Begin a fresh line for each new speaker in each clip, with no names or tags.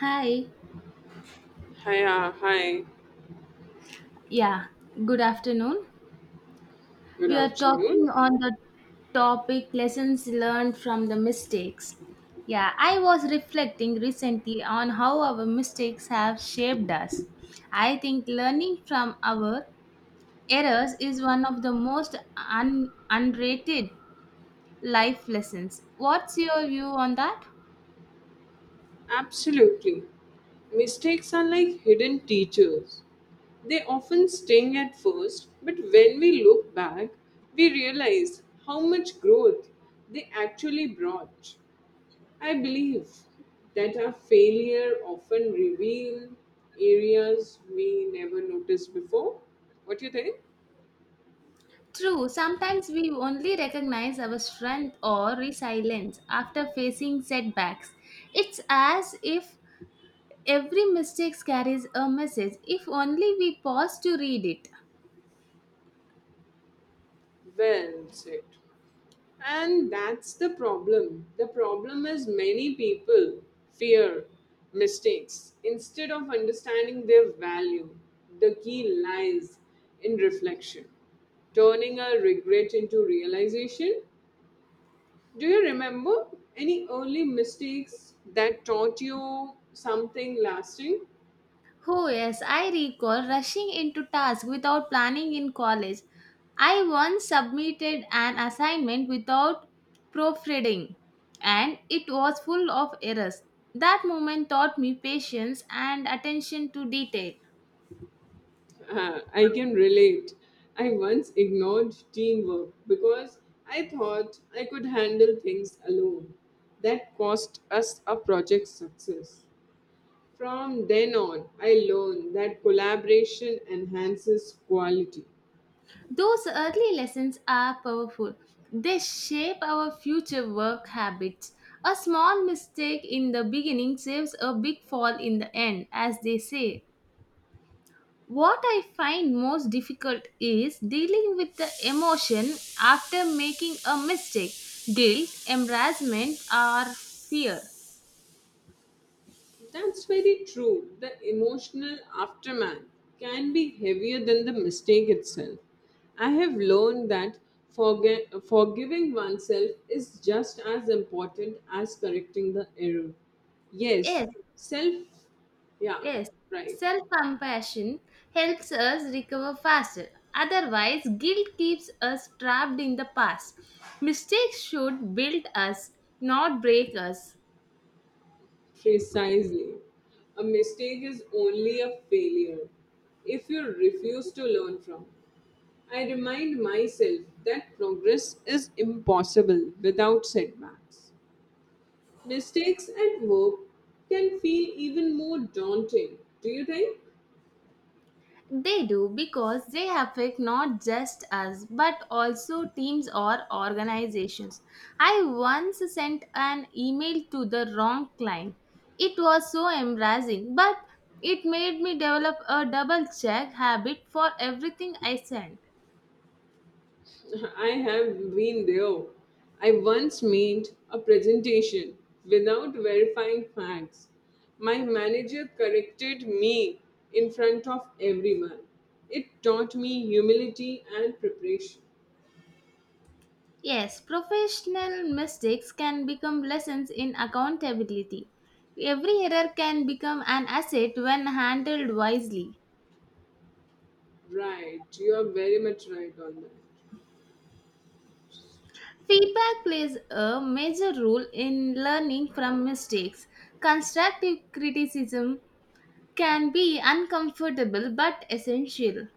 Hi,
Hi, hi,
yeah, good afternoon.
good
We are
afternoon.
talking on the topic lessons learned from the mistakes. Yeah, I was reflecting recently on how our mistakes have shaped us. I think learning from our errors is one of the most unrated life lessons. What's your view on that?
Absolutely. Mistakes are like hidden teachers. They often sting at first, but when we look back, we realize how much growth they actually brought. I believe that our failure often reveal areas we never noticed before. What do you think?
True, sometimes we only recognize our strength or resilience after facing setbacks. It's as if every mistake carries a message if only we pause to read it.
Well said. And that's the problem. The problem is many people fear mistakes instead of understanding their value. The key lies in reflection, turning a regret into realization. Do you remember any early mistakes that taught you something lasting?
Oh, yes, I recall rushing into tasks without planning in college. I once submitted an assignment without proofreading, and it was full of errors. That moment taught me patience and attention to detail.
I can relate. I once ignored teamwork because I thought I could handle things alone. That cost us a project success. From then on, I learned that collaboration enhances quality.
Those early lessons are powerful. They shape our future work habits. A small mistake in the beginning saves a big fall in the end, as they say. What I find most difficult is dealing with the emotion after making a mistake guilt, embarrassment, or fear.
That's very true. The emotional aftermath can be heavier than the mistake itself. I have learned that forgiving oneself is just as important as correcting the error. Yes,
Yes,
self, yeah,
yes,
right,
self compassion helps us recover faster. Otherwise, guilt keeps us trapped in the past. Mistakes should build us, not break us.
precisely. A mistake is only a failure if you refuse to learn from it. I remind myself that progress is impossible without setbacks. Mistakes at work can feel even more daunting, do you think?
They do because they affect not just us but also teams or organizations. I once sent an email to the wrong client. It was so embarrassing, but it made me develop a double check habit for everything I sent.
I have been there. I once made a presentation without verifying facts. My manager corrected me in front of everyone. It taught me humility and preparation.
Yes, professional mistakes can become lessons in accountability. Every error can become an asset when handled wisely.
Right, you are very much right on that.
Feedback plays a major role in learning from mistakes. Constructive criticism can be uncomfortable but essential.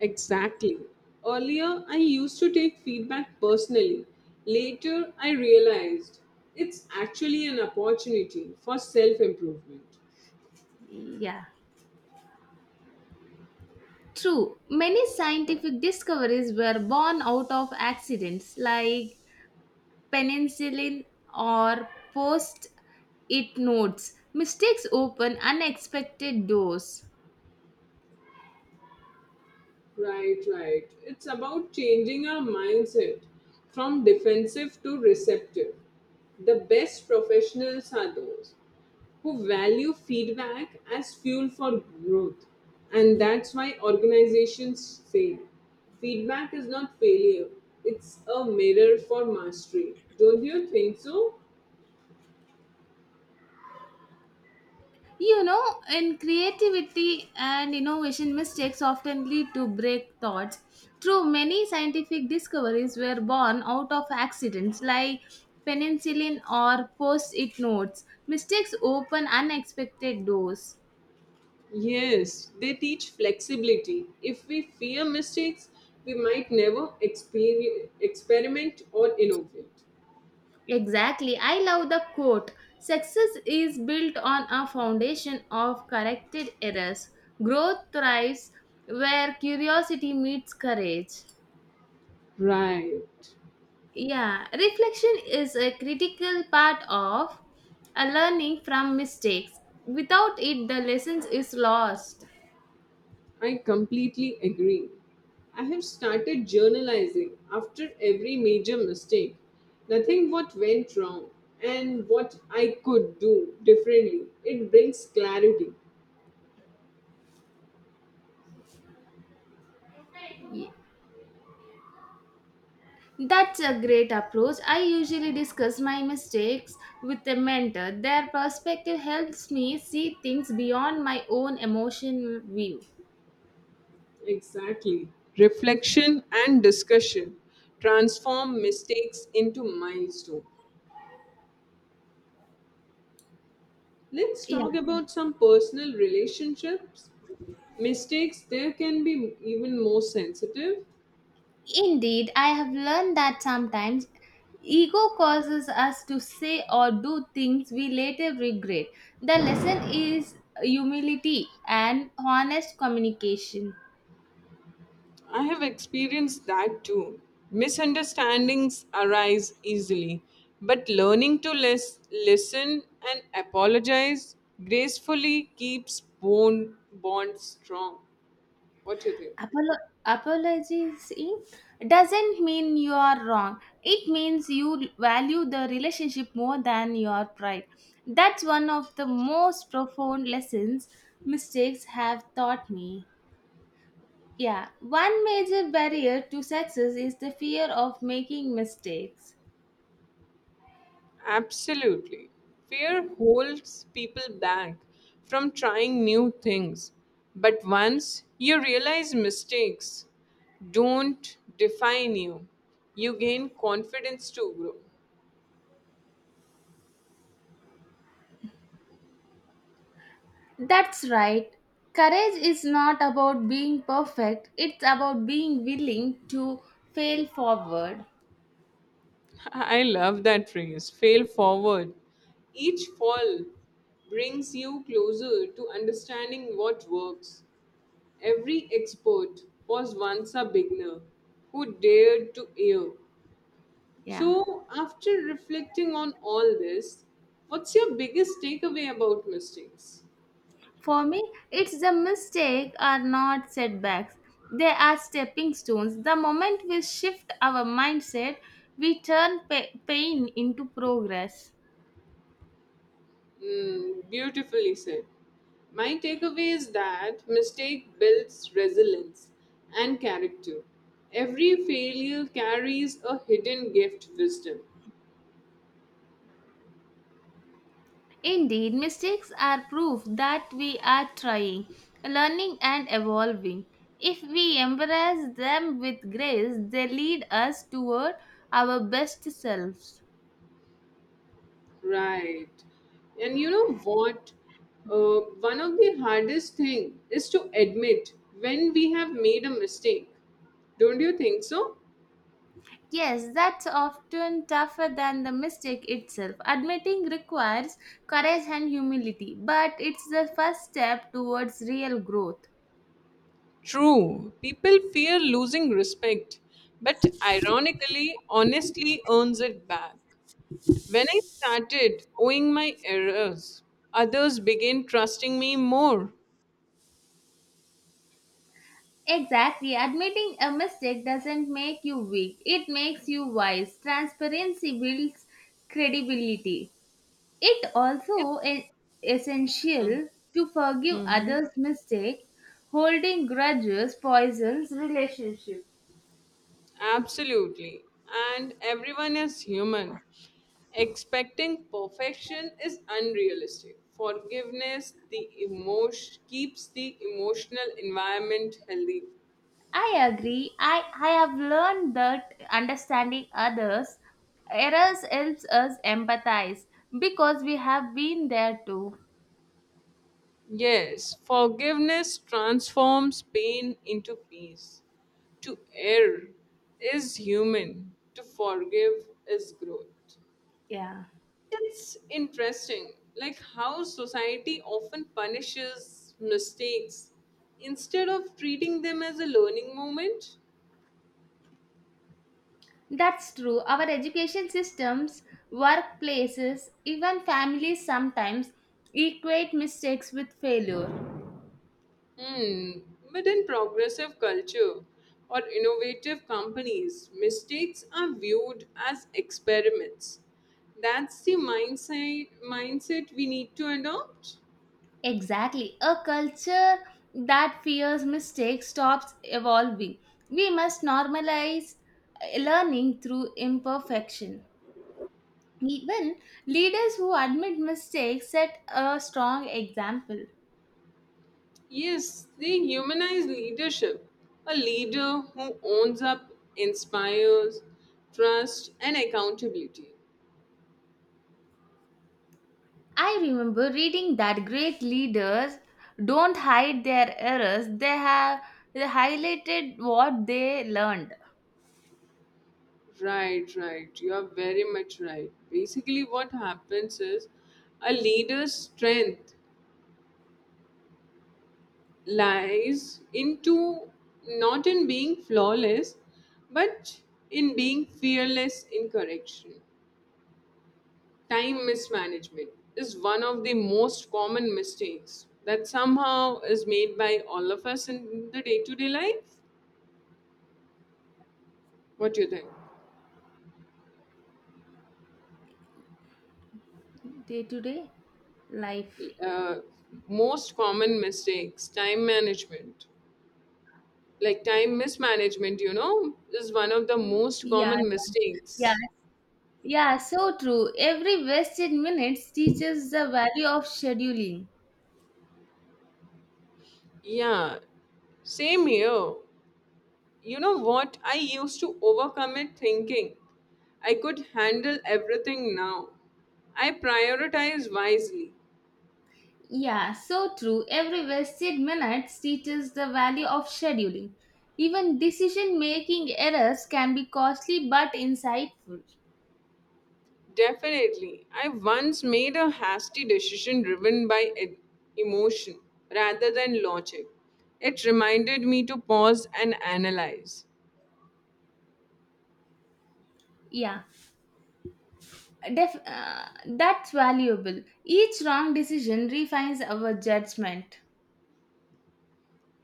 Exactly. Earlier, I used to take feedback personally. Later, I realized it's actually an opportunity for self improvement.
Yeah. True. Many scientific discoveries were born out of accidents like penicillin or post it notes. Mistakes open unexpected doors.
Right, right. It's about changing our mindset from defensive to receptive. The best professionals are those who value feedback as fuel for growth. And that's why organizations say feedback is not failure, it's a mirror for mastery. Don't you think so?
You know, in creativity and innovation, mistakes often lead to breakthroughs. True, many scientific discoveries were born out of accidents like penicillin or post it notes. Mistakes open unexpected doors.
Yes, they teach flexibility. If we fear mistakes, we might never experiment or innovate.
Exactly. I love the quote. Success is built on a foundation of corrected errors. Growth thrives where curiosity meets courage.
Right.
Yeah, reflection is a critical part of a learning from mistakes. Without it, the lessons is lost.
I completely agree. I have started journalizing after every major mistake. Nothing what went wrong and what I could do differently. It brings clarity.
Ye- That's a great approach. I usually discuss my mistakes with a mentor. Their perspective helps me see things beyond my own emotional view.
Exactly. Reflection and discussion transform mistakes into milestones. Let's
Yeah,
talk about some personal relationships. Mistakes there can be even more sensitive.
indeed. I have learned that sometimes ego causes us to say or do things we later regret. The lesson is humility and honest communication.
I have experienced that too. Misunderstandings arise easily, but learning to listen and apologize gracefully keeps bonds strong. What do you think?
Apologizing doesn't mean you are wrong, it means you value the relationship more than your pride. That's one of the most profound lessons mistakes have taught me. Yeah, one major barrier to success is the fear of making mistakes.
Absolutely. Fear holds people back from trying new things. But once you realize mistakes don't define you, you gain confidence to grow.
That's right. Courage is not about being perfect, it's about being willing to fail forward.
I love that phrase, fail forward. Each fall brings you closer to understanding what works. Every expert was once a beginner who dared to err.
Yeah.
So, after reflecting on all this, what's your biggest takeaway about mistakes?
For me, it's the mistake are not setbacks. They are stepping stones. The moment we shift our mindset, we turn pain into progress.
Mm, beautifully said. My takeaway is that mistake builds resilience and character. Every failure carries a hidden gift, wisdom.
Indeed, mistakes are proof that we are trying, learning, and evolving. If we embrace them with grace, they lead us toward our best selves.
Right. And you know what? One of the hardest thing is to admit when we have made a mistake. Don't you think so?
Yes, that's often tougher than the mistake itself. Admitting requires courage and humility, but it's the first step towards real growth.
True, people fear losing respect, but ironically, honestly earns it back. When I started owing my errors, others began trusting me more.
Exactly. Admitting a mistake doesn't make you weak, it makes you wise. Transparency builds credibility. It also
It's
is
mm,
essential to forgive
mhm,
others' mistakes. Holding grudges poisons relationships.
absolutely, and everyone is human. Expecting perfection is unrealistic. Forgiveness the emotion keeps the emotional environment healthy.
I agree. I have learned that understanding others' errors helps us empathize because we have been there too.
Yes, forgiveness transforms pain into peace. To err is human, to forgive is growth.
Yeah.
It's interesting, like how society often punishes mistakes instead of treating them as a learning moment.
That's true. Our education systems, workplaces, even families sometimes equate mistakes with failure.
Hmm. But in progressive culture or innovative companies, mistakes are viewed as experiments. That's the mindset we need to adopt.
Exactly. A culture that fears mistakes stops evolving. We must normalize learning through imperfection. Even leaders who admit mistakes set a strong example.
Yes, they humanize leadership. A leader who owns up, inspires, trust, and accountability.
I remember reading that great leaders don't hide their errors, they highlighted what they learned
Right, right. You are very much right. Basically, what happens is a leader's strength lies into, not in being flawless, but in being fearless in correction. Time mismanagement is one of the most common mistakes that somehow is made by all of us in the day to day life. What do you think?
day to day life.
Uh, most common mistakes, time management. Like time mismanagement, you know, is one of the most
Yeah,
common
yeah. Yeah,
mistakes.
Yeah, so true. Every wasted minute teaches the value of scheduling.
Yeah, same here. You know what? I used to overcome it thinking I could handle everything now. I prioritize wisely.
Yeah, so true. Every wasted minute teaches the value of scheduling. Even decision making errors can be costly but insightful.
Definitely. I once made a hasty decision driven by emotion rather than logic. It reminded me to pause and analyze.
Yeah, that's valuable. Each wrong decision refines our judgment.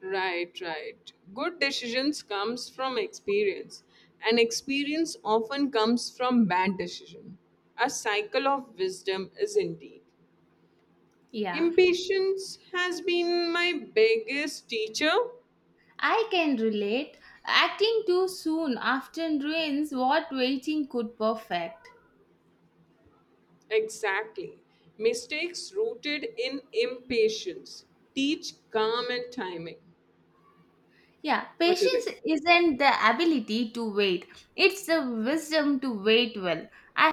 Right, right. Good decisions comes from experience and experience often comes from bad decision. A cycle of wisdom is indeed.
Yeah,
Impatience has been my biggest teacher.
I can relate. Acting too soon often ruins what waiting could perfect.
Exactly. Mistakes rooted in impatience teach calm and timing.
Yeah,
What do you think?
patience isn't the ability to wait, it's the wisdom to wait well. I,